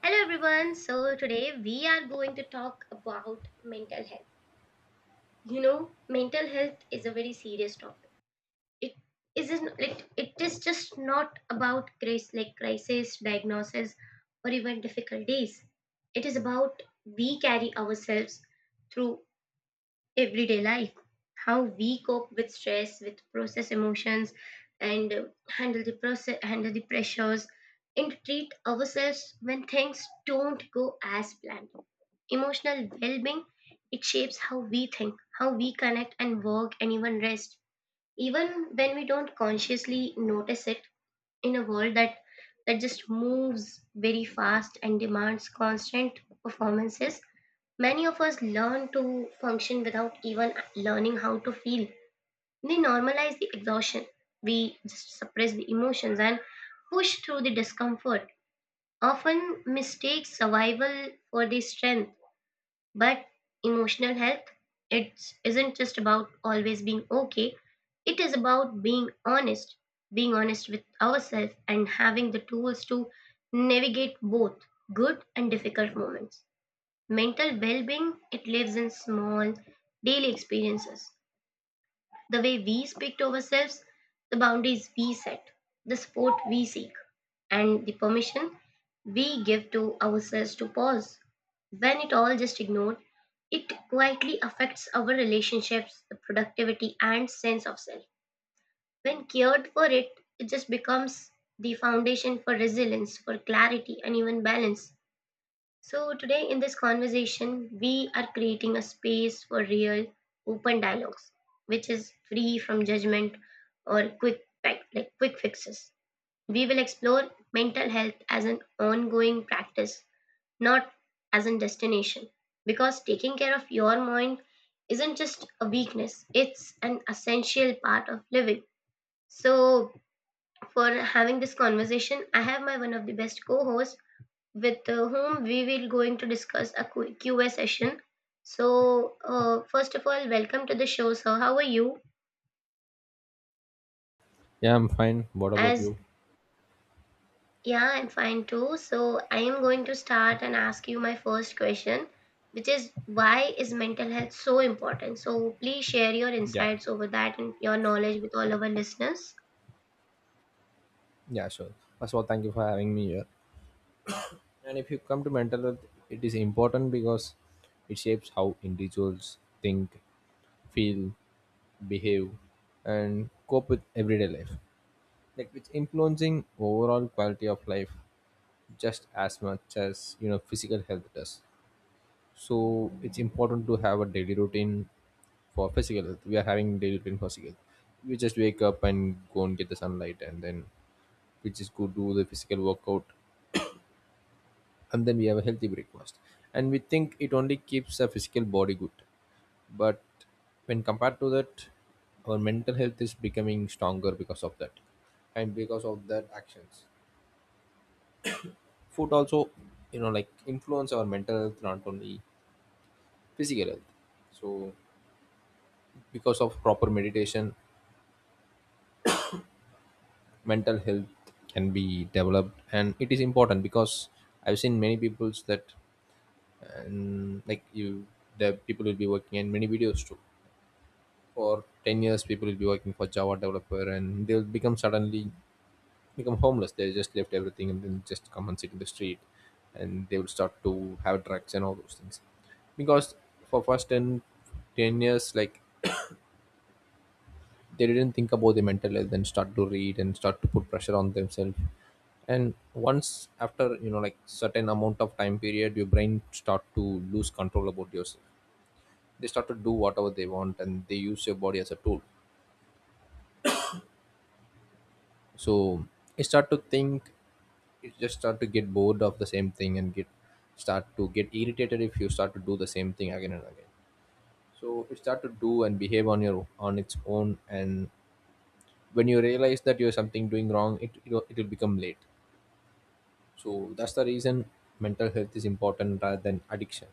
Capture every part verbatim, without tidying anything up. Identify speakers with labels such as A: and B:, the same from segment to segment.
A: Hello everyone. So today we are going to talk about mental health. You know, mental health is a very serious topic. It isn't it, it is just not about grace like crisis, diagnosis or even difficult days. It is about we carry ourselves through everyday life, how we cope with stress, with process emotions, and uh, handle the process, handle the pressures, and treat ourselves when things don't go as planned. Emotional well-being it shapes how we think, how we connect and work, and even rest. Even when we don't consciously notice it, in a world that that just moves very fast and demands constant performances. Many of us learn to function without even learning how to feel. We normalize the exhaustion, we just suppress the emotions and push through the discomfort. Often mistake survival for the strength, but emotional health it isn't just about always being okay. It is about being honest, being honest with ourselves and having the tools to navigate both good and difficult moments. Mental well-being, it lives in small daily experiences. The way we speak to ourselves, the boundaries we set, the support we seek, and the permission we give to ourselves to pause. When it all just ignored, it quietly affects our relationships, the productivity and sense of self. When cared for it, it just becomes the foundation for resilience, for clarity and even balance. So, today in this conversation, we are creating a space for real, open dialogues, which is free from judgment or quick fi- like quick fixes. We will explore mental health as an ongoing practice, not as a destination, because taking care of your mind isn't just a weakness; it's an essential part of living. So, for having this conversation, I have my one of the best co-hosts with uh, whom we will going to discuss a Q- QA session. So, uh, first of all, welcome to the show, sir. How are you?
B: Yeah, I'm fine. What about
A: As
B: you?
A: Yeah, I'm fine too. So, I am going to start and ask you my first question, which is why is mental health so important? So, please share your
B: Yeah,
A: insights over that and your knowledge with all our listeners.
B: yeah, sure. First of all, thank you for having me here. And if you come to mental health, it is important because it shapes how individuals think, feel, behave, and cope with everyday life. Like it's influencing overall quality of life just as much as you know physical health does. So it's important to have a daily routine for physical health. We are having daily routine for physical. health. We just wake up and go and get the sunlight, and then which is go do the physical workout, and then we have a healthy breakfast, and we think it only keeps our physical body good. But when compared to that, our mental health is becoming stronger because of that, and because of that actions, food also you know like influence our mental health, not only physical health. So because of proper meditation, mental health can be developed, and it is important because I've seen many peoples that, and like you, the people will be working in many videos too. For ten years people will be working for java developer, and they'll become suddenly become homeless. They just left everything and then just come and sit in the street, and they will start to have drugs and all those things, because for first ten ten years, like, they didn't think about the mental health and start to read and start to put pressure on themselves. And once, after you know like certain amount of time period, your brain start to lose control about yours. They start to do whatever they want and they use your body as a tool. So you start to think, you just start to get bored of the same thing and get start to get irritated if you start to do the same thing again and again. So you start to do and behave on your on its own, and when you realize that you're something doing wrong, it it will become late. So that's the reason mental health is important rather than addiction.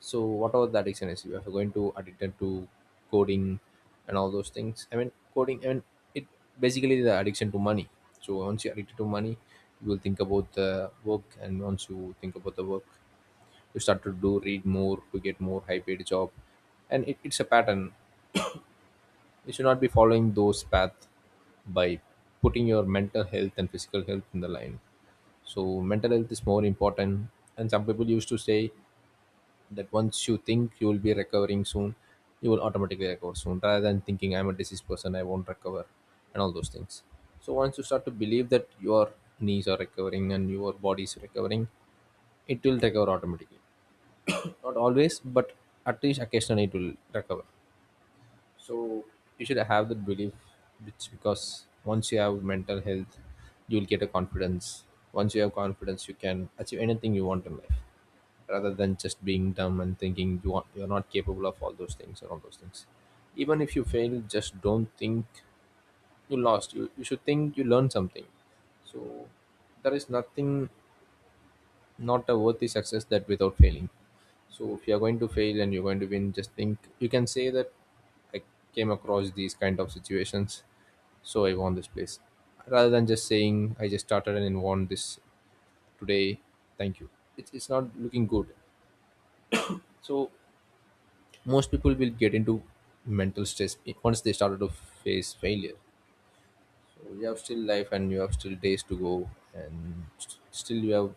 B: So whatever the addiction is, you are going to addicted to coding and all those things. I mean coding, I mean, it basically the addiction to money. So once you're addicted to money, you will think about the work, and once you think about the work, you start to do read more to get more high paid job, and it, it's a pattern. You should not be following those path by putting your mental health and physical health in the line. So mental health is more important. And some people used to say that once you think you will be recovering soon, you will automatically recover soon rather than thinking I'm a diseased person, I won't recover, and all those things. So once you start to believe that your knees are recovering and your body is recovering, it will recover automatically. Not always, but at least occasionally it will recover. So you should have that belief, which, because once you have mental health, you will get a confidence. Once you have confidence, you can achieve anything you want in life, rather than just being dumb and thinking you want you're not capable of all those things or all those things. Even if you fail, just don't think you lost. You, you should think you learned something. So there is nothing, not a worthy success that without failing. So if you are going to fail and you're going to win, just think, you can say that I came across these kind of situations, so I won this place, rather than just saying I just started and won this today. Thank you. It's, it's not looking good. So most people will get into mental stress i- once they started to face failure. So you have still life and you have still days to go, and st- still you have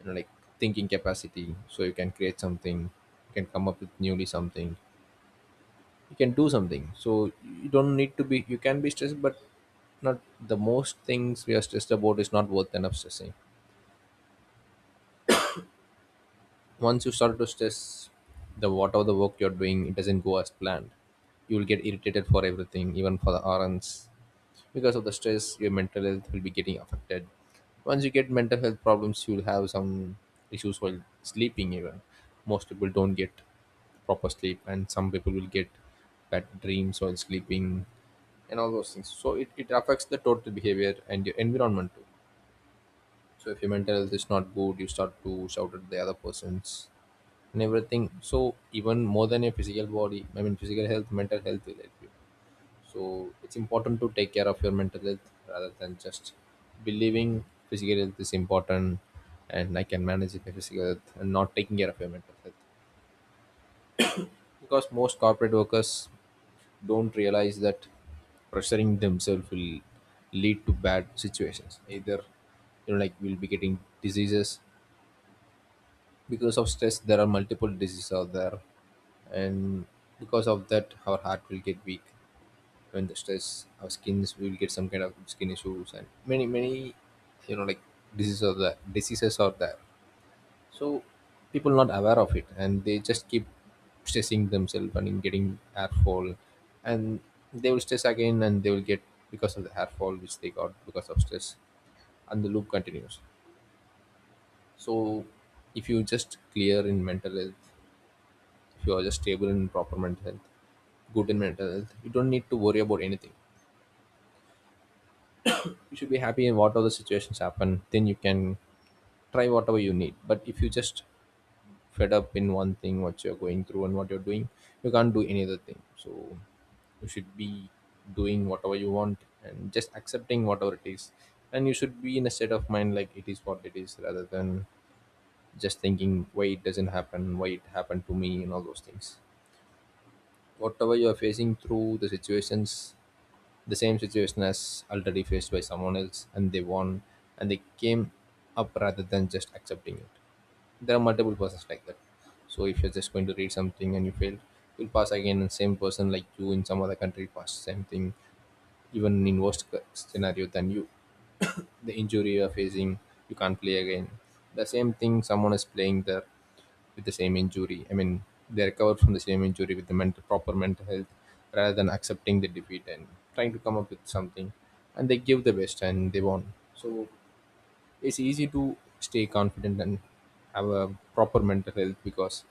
B: you know like thinking capacity, so you can create something, you can come up with newly something, you can do something. So you don't need to be, you can be stressed, but not the most things we are stressed about is not worth enough stressing. Once you start to stress, the whatever the work you're doing, it doesn't go as planned, you will get irritated for everything, even for the errands. Because of the stress, your mental health will be getting affected. Once you get mental health problems, you'll have some issues while sleeping. Even most people don't get proper sleep, and some people will get bad dreams while sleeping and all those things. So it, it affects the total behavior and your environment too. So if your mental health is not good, you start to shout at the other persons and everything. So even more than your physical body, I mean physical health, mental health will help you. So it's important to take care of your mental health rather than just believing physical health is important and I can manage my physical health and not taking care of your mental health. Because most corporate workers don't realize that pressuring themselves will lead to bad situations. Either you know like we'll be getting diseases because of stress. There are multiple diseases out there, and because of that our heart will get weak when the stress. Our skins, we will get some kind of skin issues, and many many you know like diseases are there diseases are there. So people not aware of it, and they just keep stressing themselves, and in getting hair fall, and they will stress again, and they will get because of the hair fall which they got because of stress, and the loop continues. So if you just clear in mental health, if you are just stable in proper mental health, good in mental health, you don't need to worry about anything. You should be happy in whatever the situations happen, then you can try whatever you need. But if you just fed up in one thing what you're going through and what you're doing, you can't do any other thing. So you should be doing whatever you want and just accepting whatever it is. And you should be in a state of mind like it is what it is, rather than just thinking why it doesn't happen, why it happened to me, and all those things. Whatever you are facing through the situations, the same situation as already faced by someone else, and they won and they came up rather than just accepting it. There are multiple persons like that. So if you're just going to read something and you failed, you'll pass again, and same person like you in some other country pass same thing, even in worst c- scenario than you. The injury you're facing, you can't play again. The same thing someone is playing there with the same injury. I mean, they recover from the same injury with the mental proper mental health rather than accepting the defeat and trying to come up with something. And they give the best and they won. So it's easy to stay confident and have a proper mental health, because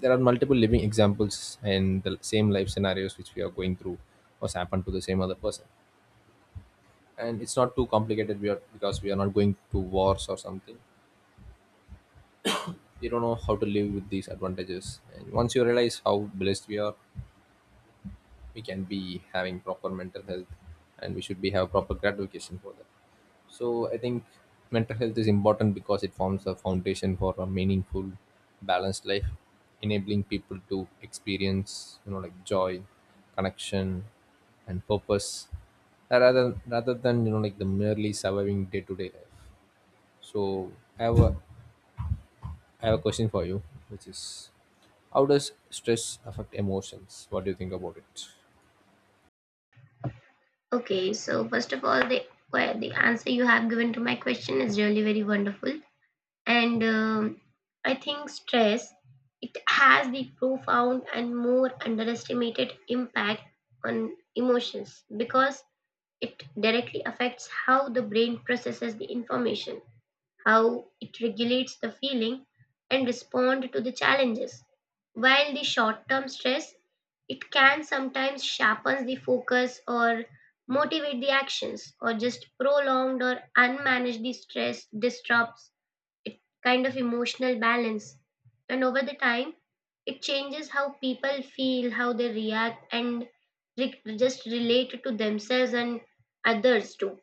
B: there are multiple living examples, and the same life scenarios which we are going through was happened to the same other person. And it's not too complicated, we are because we are not going to wars or something. We don't know how to live with these advantages, and once you realize how blessed we are, we can be having proper mental health, and we should be have proper gratification for that. So I think mental health is important because it forms a foundation for a meaningful, balanced life, enabling people to experience you know like joy, connection, and purpose, uh, rather rather than you know like the merely surviving day-to-day life. So i have a i have a question for you, which is, how does stress affect emotions? What do you think about it?
A: Okay, so first of all, the the answer you have given to my question is really very wonderful. and um, I think stress it has the profound and more underestimated impact on emotions because it directly affects how the brain processes the information, how it regulates the feeling and respond to the challenges. While the short term stress it can sometimes sharpens the focus or motivate the actions, or just prolonged or unmanaged the stress disrupts it kind of emotional balance. And over the time it changes how people feel, how they react and re- just relate to themselves and others too.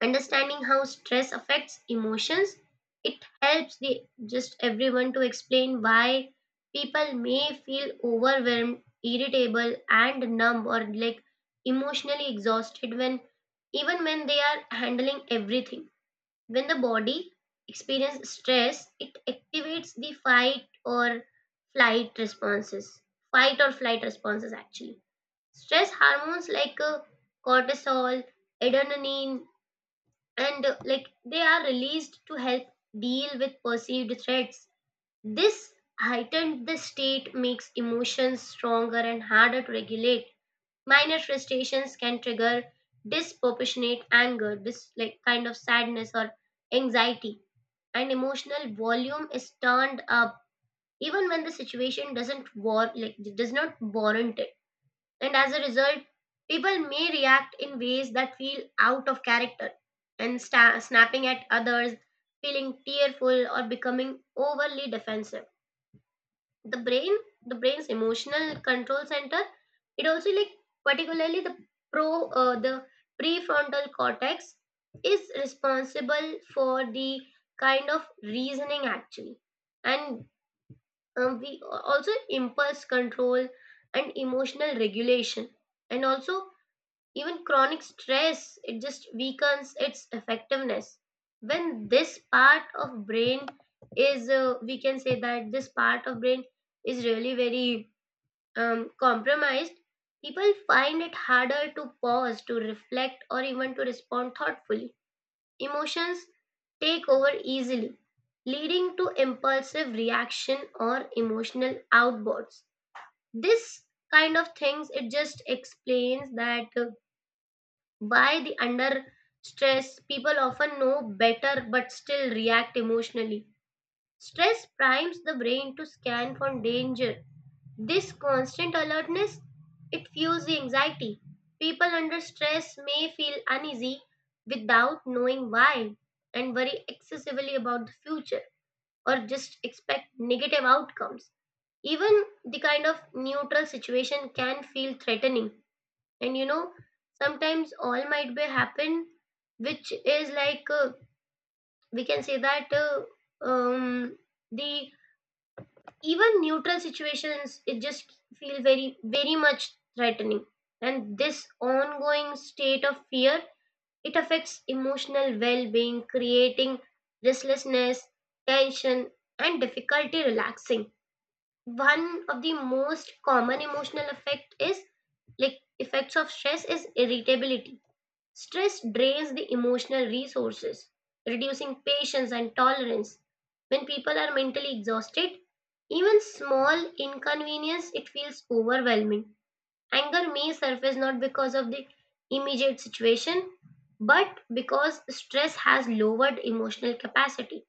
A: Understanding how stress affects emotions it helps the just everyone to explain why people may feel overwhelmed, irritable and numb or like emotionally exhausted when even when they are handling everything. When the body experiences stress, it activates the fight or flight responses. Fight or flight responses, actually. Stress hormones like uh, cortisol, adrenaline, and uh, like they are released to help deal with perceived threats. This heightened the state makes emotions stronger and harder to regulate. Minor frustrations can trigger disproportionate anger, this like kind of sadness or anxiety, and emotional volume is turned up even when the situation doesn't war like does not warrant it. And as a result, people may react in ways that feel out of character and sta- snapping at others, feeling tearful or becoming overly defensive. The brain the brain's emotional control center it also like particularly the pro uh, the prefrontal cortex is responsible for the kind of reasoning actually, and um, we also impulse control and emotional regulation and also even chronic stress, it just weakens its effectiveness. When this part of brain is, uh, we can say that this part of brain is really very um, compromised, people find it harder to pause, to reflect, or even to respond thoughtfully. Emotions take over easily, leading to impulsive reaction or emotional outbursts. This kind of things it just explains that uh, by the under stress people often know better but still react emotionally. Stress primes the brain to scan for danger. This constant alertness it fuels the anxiety. People under stress may feel uneasy without knowing why and worry excessively about the future or just expect negative outcomes. Even the kind of neutral situation can feel threatening, and you know sometimes all might be happen which is like uh, we can say that uh, um the even neutral situations it just feel very very much threatening, and this ongoing state of fear it affects emotional well-being creating restlessness, tension and difficulty relaxing. One of the most common emotional effect is like effects of stress is irritability. Stress drains the emotional resources, reducing patience and tolerance. When people are mentally exhausted, even small inconvenience it feels overwhelming. Anger may surface not because of the immediate situation, but because stress has lowered emotional capacity.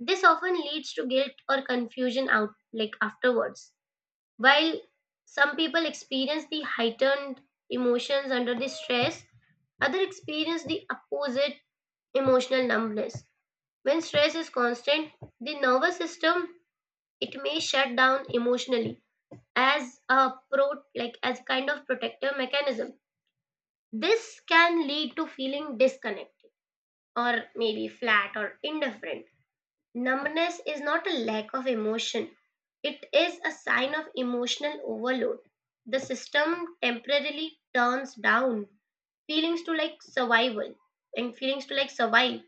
A: This often leads to guilt or confusion out like afterwards. While some people experience the heightened emotions under the stress, others experience the opposite emotional numbness. When stress is constant, the nervous system it may shut down emotionally as a pro like as a kind of protective mechanism. This can lead to feeling disconnected or maybe flat or indifferent. Numbness is not a lack of emotion, it is a sign of emotional overload. The system temporarily turns down feelings to like survival and feelings to like survive.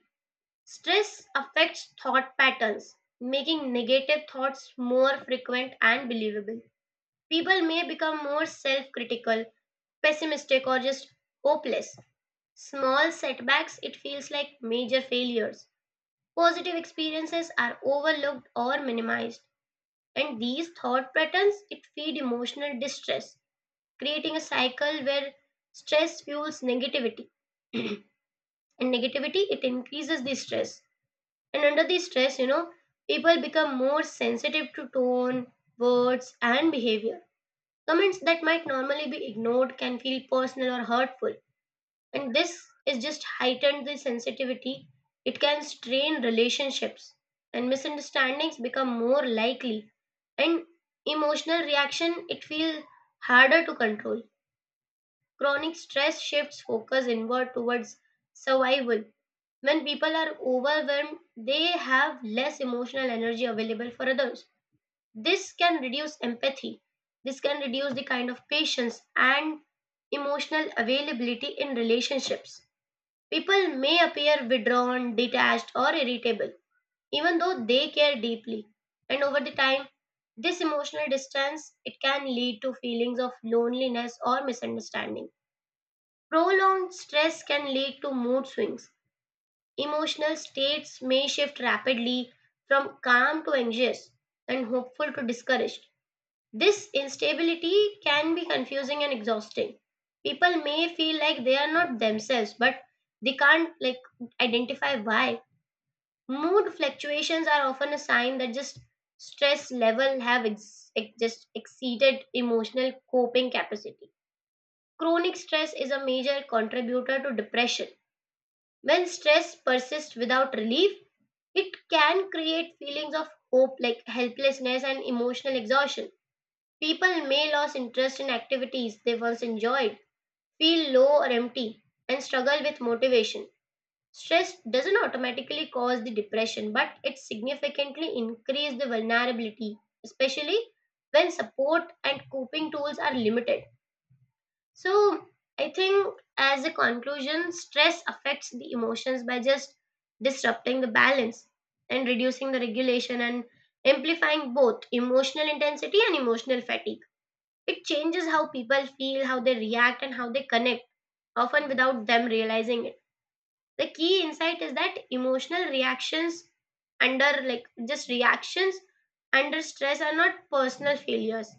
A: Stress affects thought patterns, making negative thoughts more frequent and believable. People may become more self critical, pessimistic, or just hopeless. Small setbacks, it feels like major failures. Positive experiences are overlooked or minimized, and these thought patterns it feed emotional distress, creating a cycle where stress fuels negativity, and negativity it increases the stress. And under the stress, you know, people become more sensitive to tone, words, and behavior. Comments that might normally be ignored can feel personal or hurtful, and this is just heightened the sensitivity it can strain relationships and misunderstandings become more likely, and emotional reaction it feels harder to control. Chronic stress shifts focus inward towards survival. When people are overwhelmed they have less emotional energy available for others. This can reduce empathy, this can reduce the kind of patience and emotional availability in relationships. People may appear withdrawn, detached, or irritable, even though they care deeply. And over the time, this emotional distance it can lead to feelings of loneliness or misunderstanding. Prolonged stress can lead to mood swings. Emotional states may shift rapidly from calm to anxious and hopeful to discouraged. This instability can be confusing and exhausting. People may feel like they are not themselves, but they can't like identify why. Mood fluctuations are often a sign that just stress level have ex- ex- just exceeded emotional coping capacity. Chronic stress is a major contributor to depression. When stress persists without relief, it can create feelings of hope like helplessness and emotional exhaustion. People may lose interest in activities they once enjoyed, feel low or empty, and struggle with motivation. Stress doesn't automatically cause the depression, but it significantly increases the vulnerability, especially when support and coping tools are limited. So, I think as a conclusion, stress affects the emotions by just disrupting the balance and reducing the regulation and amplifying both emotional intensity and emotional fatigue. It changes how people feel, how they react, and how they connect, often without them realizing it. The key insight is that emotional reactions under, like, just reactions under stress are not personal failures.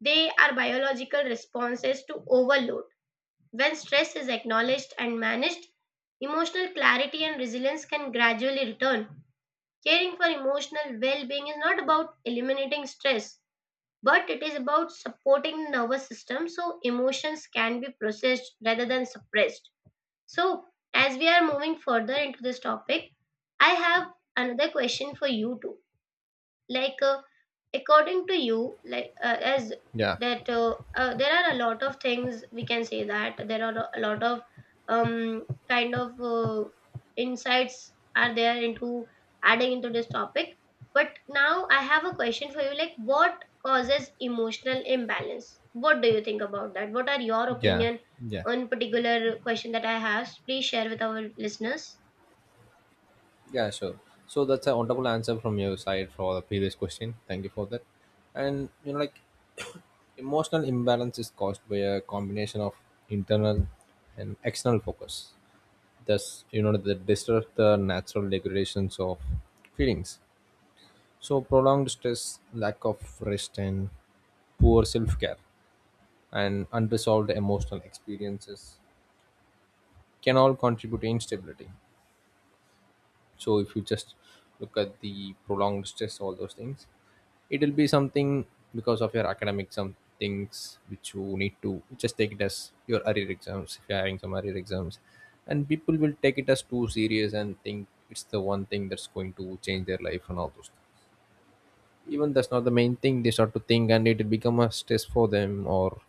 A: They are biological responses to overload. When stress is acknowledged and managed, emotional clarity and resilience can gradually return. Caring for emotional well being is not about eliminating stress, but it is about supporting the nervous system so emotions can be processed rather than suppressed. So as we are moving further into this topic I have another question for you too, like uh, according to you like uh, as
B: Yeah,
A: that uh, uh, there are a lot of things we can say that there are a lot of um kind of uh, insights are there into adding into this topic, but now I have a question for you, like what causes emotional imbalance? What do you think about that? What are your
B: yeah,
A: opinion
B: yeah,
A: on particular question that I have? Please share with our listeners.
B: yeah, sure. So that's a wonderful answer from your side for the previous question. Thank you for that. And you know, like emotional imbalance is caused by a combination of internal and external focus. Thus, you know, they disrupt the natural regulations of feelings. So prolonged stress, lack of rest, and poor self-care, and unresolved emotional experiences can all contribute to instability. So if you just look at the prolonged stress, all those things, it will be something because of your academic, some things which you need to just take it as your arrear exams. If you're having some arrear exams, and people will take it as too serious and think it's the one thing that's going to change their life and all those things. Even that's not the main thing they start to think and it will become a stress for them. Or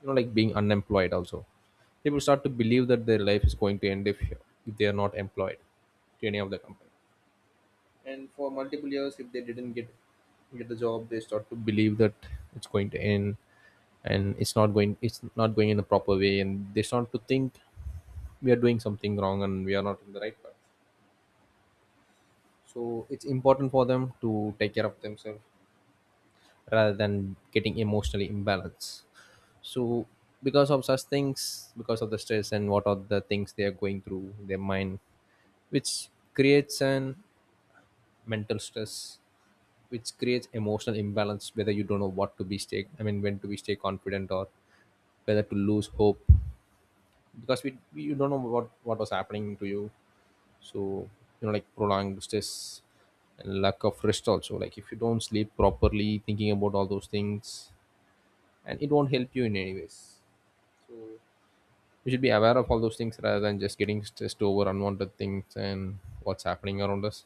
B: you know like being unemployed also, people start to believe that their life is going to end if, if they are not employed to any of the company, and for multiple years if they didn't get get the job they start to believe that it's going to end and it's not going it's not going in the proper way. And they start to think we are doing something wrong and we are not in the right path. So it's important for them to take care of themselves rather than getting emotionally imbalanced. So because of such things, because of the stress and what are the things they are going through their mind, which creates an mental stress, which creates emotional imbalance, whether you don't know what to be stay, I mean when to be stay confident or whether to lose hope, because we, we you don't know what what was happening to you. So you know like prolonged stress and lack of rest also, like if you don't sleep properly thinking about all those things, and it won't help you in any ways. So you should be aware of all those things rather than just getting stressed over unwanted things and what's happening around us.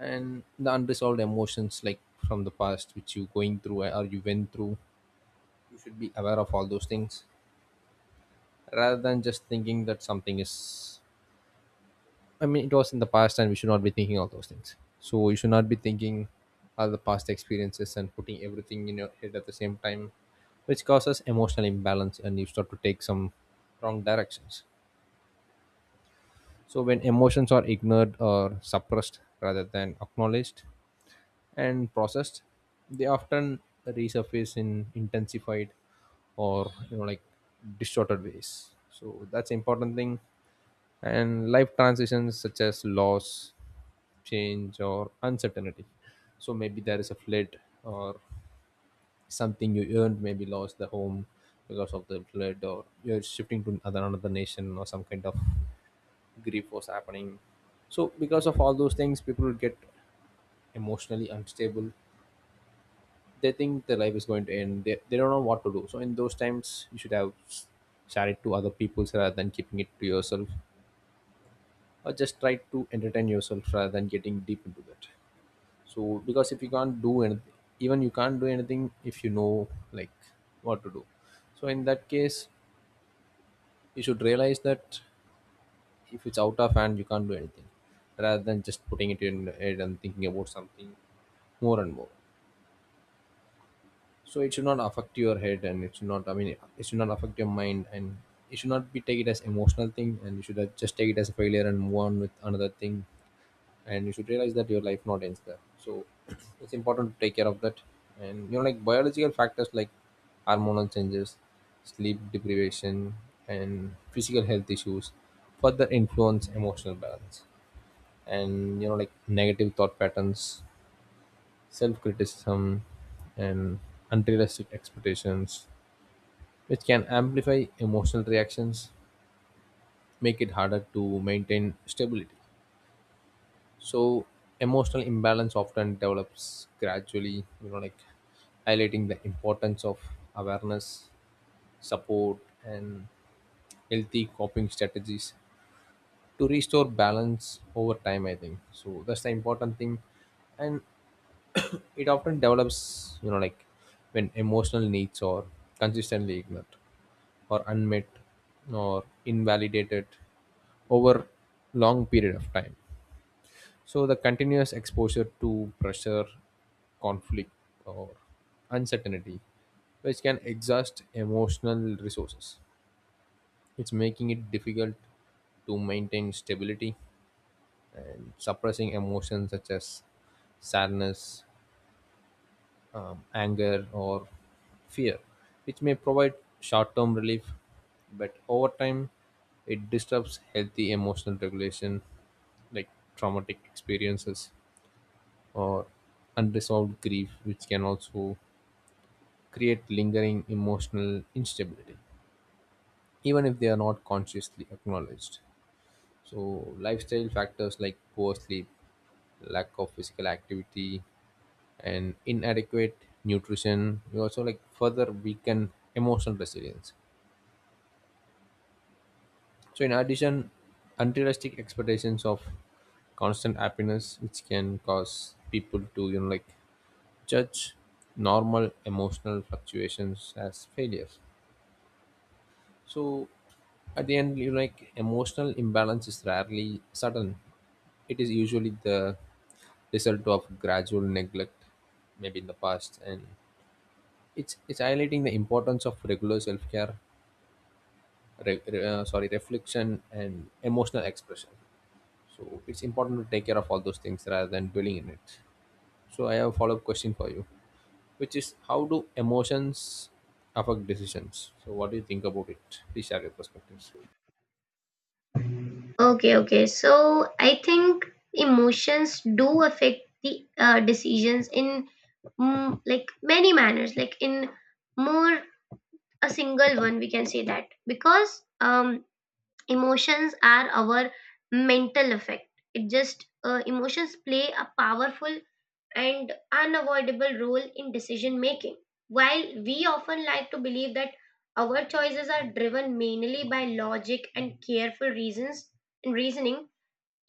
B: And the unresolved emotions, like from the past which you going through or you went through, you should be aware of all those things rather than just thinking that something is, I mean it was in the past and we should not be thinking all those things. So you should not be thinking all the past experiences and putting everything in your head at the same time, which causes emotional imbalance and you start to take some wrong directions. So when emotions are ignored or suppressed rather than acknowledged and processed, they often resurface in intensified or you know like distorted ways. So that's important thing. And life transitions such as loss, change, or uncertainty. So maybe there is a flood, or something you earned maybe lost the home because of the flood, or you're shifting to another another nation, or some kind of grief was happening. So because of all those things people get emotionally unstable. They think their life is going to end, they, they don't know what to do. So in those times you should have s- share it to other people rather than keeping it to yourself, or just try to entertain yourself rather than getting deep into that. So because if you can't do anything, even you can't do anything if you know like what to do. So in that case you should realize that if it's out of hand you can't do anything, rather than just putting it in your head and thinking about something more and more. So it should not affect your head, and it should not, I mean it should not affect your mind, and it should not be take it as emotional thing, and you should uh, just take it as a failure and move on with another thing. And you should realize that your life not ends there. So it's important to take care of that. And you know like biological factors like hormonal changes, sleep deprivation, and physical health issues further influence emotional balance. And you know like negative thought patterns, self criticism, and unrealistic expectations, which can amplify emotional reactions, make it harder to maintain stability. So, emotional imbalance often develops gradually, you know, like highlighting the importance of awareness, support, and healthy coping strategies to restore balance over time, I think. So, that's the important thing. And it often develops, you know, like when emotional needs are consistently ignored, or unmet, or invalidated over long period of time. So the continuous exposure to pressure, conflict, or uncertainty, which can exhaust emotional resources, it's making it difficult to maintain stability. And suppressing emotions such as sadness, um, anger, or fear, which may provide short term relief, but over time it disrupts healthy emotional regulation, like traumatic experiences or unresolved grief, which can also create lingering emotional instability, even if they are not consciously acknowledged. So, lifestyle factors like poor sleep, lack of physical activity, and inadequate nutrition will also like further weaken emotional resilience. So, in addition, unrealistic expectations of constant happiness, which can cause people to you know like judge normal emotional fluctuations as failures. So at the end, you like emotional imbalance is rarely sudden. It is usually the result of gradual neglect, maybe in the past, and it's it's highlighting the importance of regular self care, re, re- uh, sorry, reflection and emotional expression. So it's important to take care of all those things rather than dwelling in it. So I have a follow up question for you, which is how do emotions affect decisions? So what do you think about it? Please share your perspectives.
A: Okay, okay. So I think emotions do affect the uh, decisions in mm, like many manners, like in more a single one, we can say that because um, emotions are our mental effect. It just uh, Emotions play a powerful and unavoidable role in decision making. While we often like to believe that our choices are driven mainly by logic and careful reasons and reasoning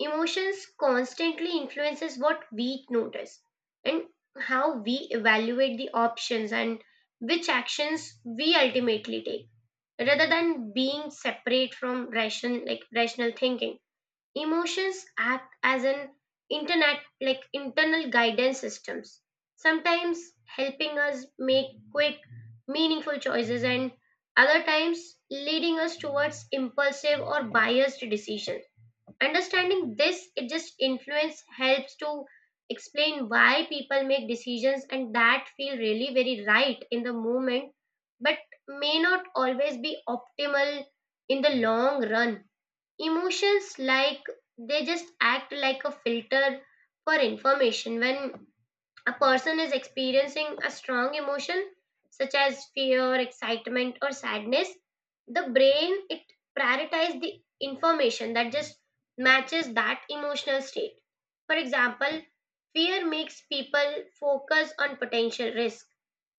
A: emotions constantly influences what we notice and how we evaluate the options and which actions we ultimately take, rather than being separate from rational like rational thinking. Emotions act as an internet like internal guidance systems, sometimes helping us make quick meaningful choices and other times leading us towards impulsive or biased decisions. Understanding this it just influence helps to explain why people make decisions and that feel really very right in the moment, but may not always be optimal in the long run. Emotions, like, they just act like a filter for information. When a person is experiencing a strong emotion, such as fear, excitement or sadness, the brain it prioritizes the information that just matches that emotional state. For example, fear makes people focus on potential risk,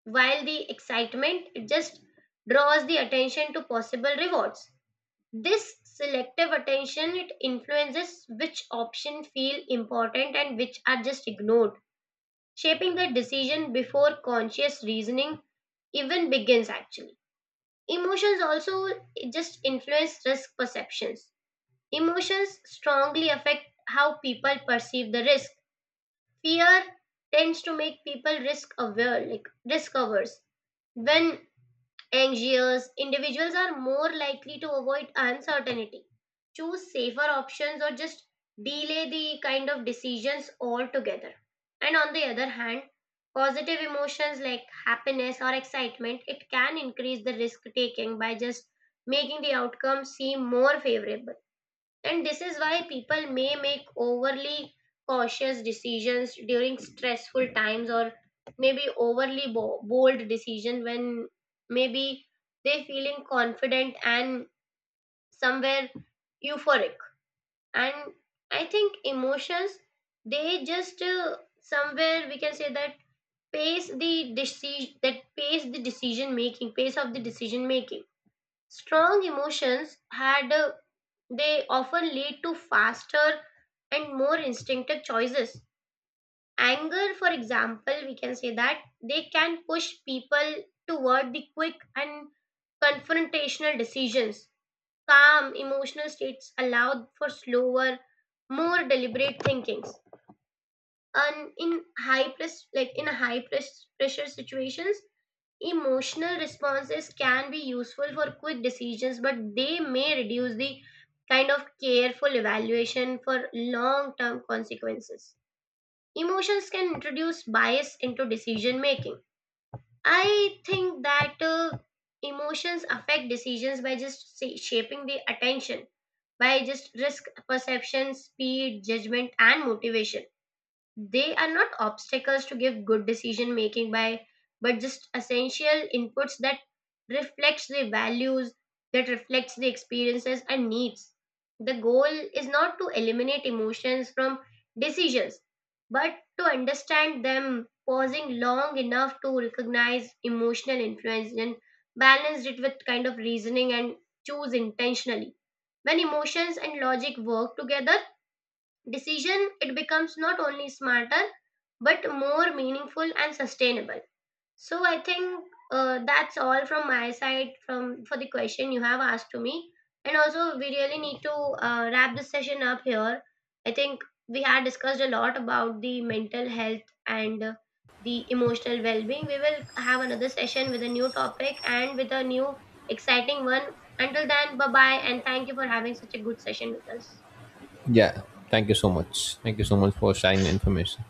A: while the excitement it just draws the attention to possible rewards. This selective attention it influences which option feel important and which are just ignored, shaping the decision before conscious reasoning even begins actually. Emotions also just influence risk perceptions. Emotions strongly affect how people perceive the risk. Fear tends to make people risk aware, like risk averse. When anxious, individuals are more likely to avoid uncertainty, choose safer options, or just delay the kind of decisions altogether. And on the other hand, positive emotions like happiness or excitement it can increase the risk taking by just making the outcome seem more favorable. And this is why people may make overly cautious decisions during stressful times, or maybe overly bo- bold decision when maybe they feeling confident and somewhere euphoric. And I think emotions, they just uh, somewhere we can say that pace the decision that pace the decision making pace of the decision making. Strong emotions had a they often lead to faster and more instinctive choices. Anger, for example, we can say that they can push people toward the quick and confrontational decisions. Calm emotional states allow for slower, more deliberate thinkings. And in high press, like in high press pressure situations, emotional responses can be useful for quick decisions, but they may reduce the kind of careful evaluation for long term consequences. Emotions can introduce bias into decision making. I think that uh, emotions affect decisions by just say, shaping the attention, by just risk perception, speed, judgment, and motivation. They are not obstacles to give good decision making by, but just essential inputs that reflects the values, that reflects the experiences and needs. The goal is not to eliminate emotions from decisions, but to understand them, pausing long enough to recognize emotional influence and balance it with kind of reasoning and choose intentionally. When emotions and logic work together, decision it becomes not only smarter, but more meaningful and sustainable. So I think uh, that's all from my side from for the question you have asked to me. And also we really need to uh, wrap this session up here. I think we had discussed a lot about the mental health and uh, the emotional well-being. We will have another session with a new topic and with a new exciting one. Until then, bye bye, and thank you for having such a good session with us.
B: Yeah. Thank you so much. Thank you so much for sharing the information.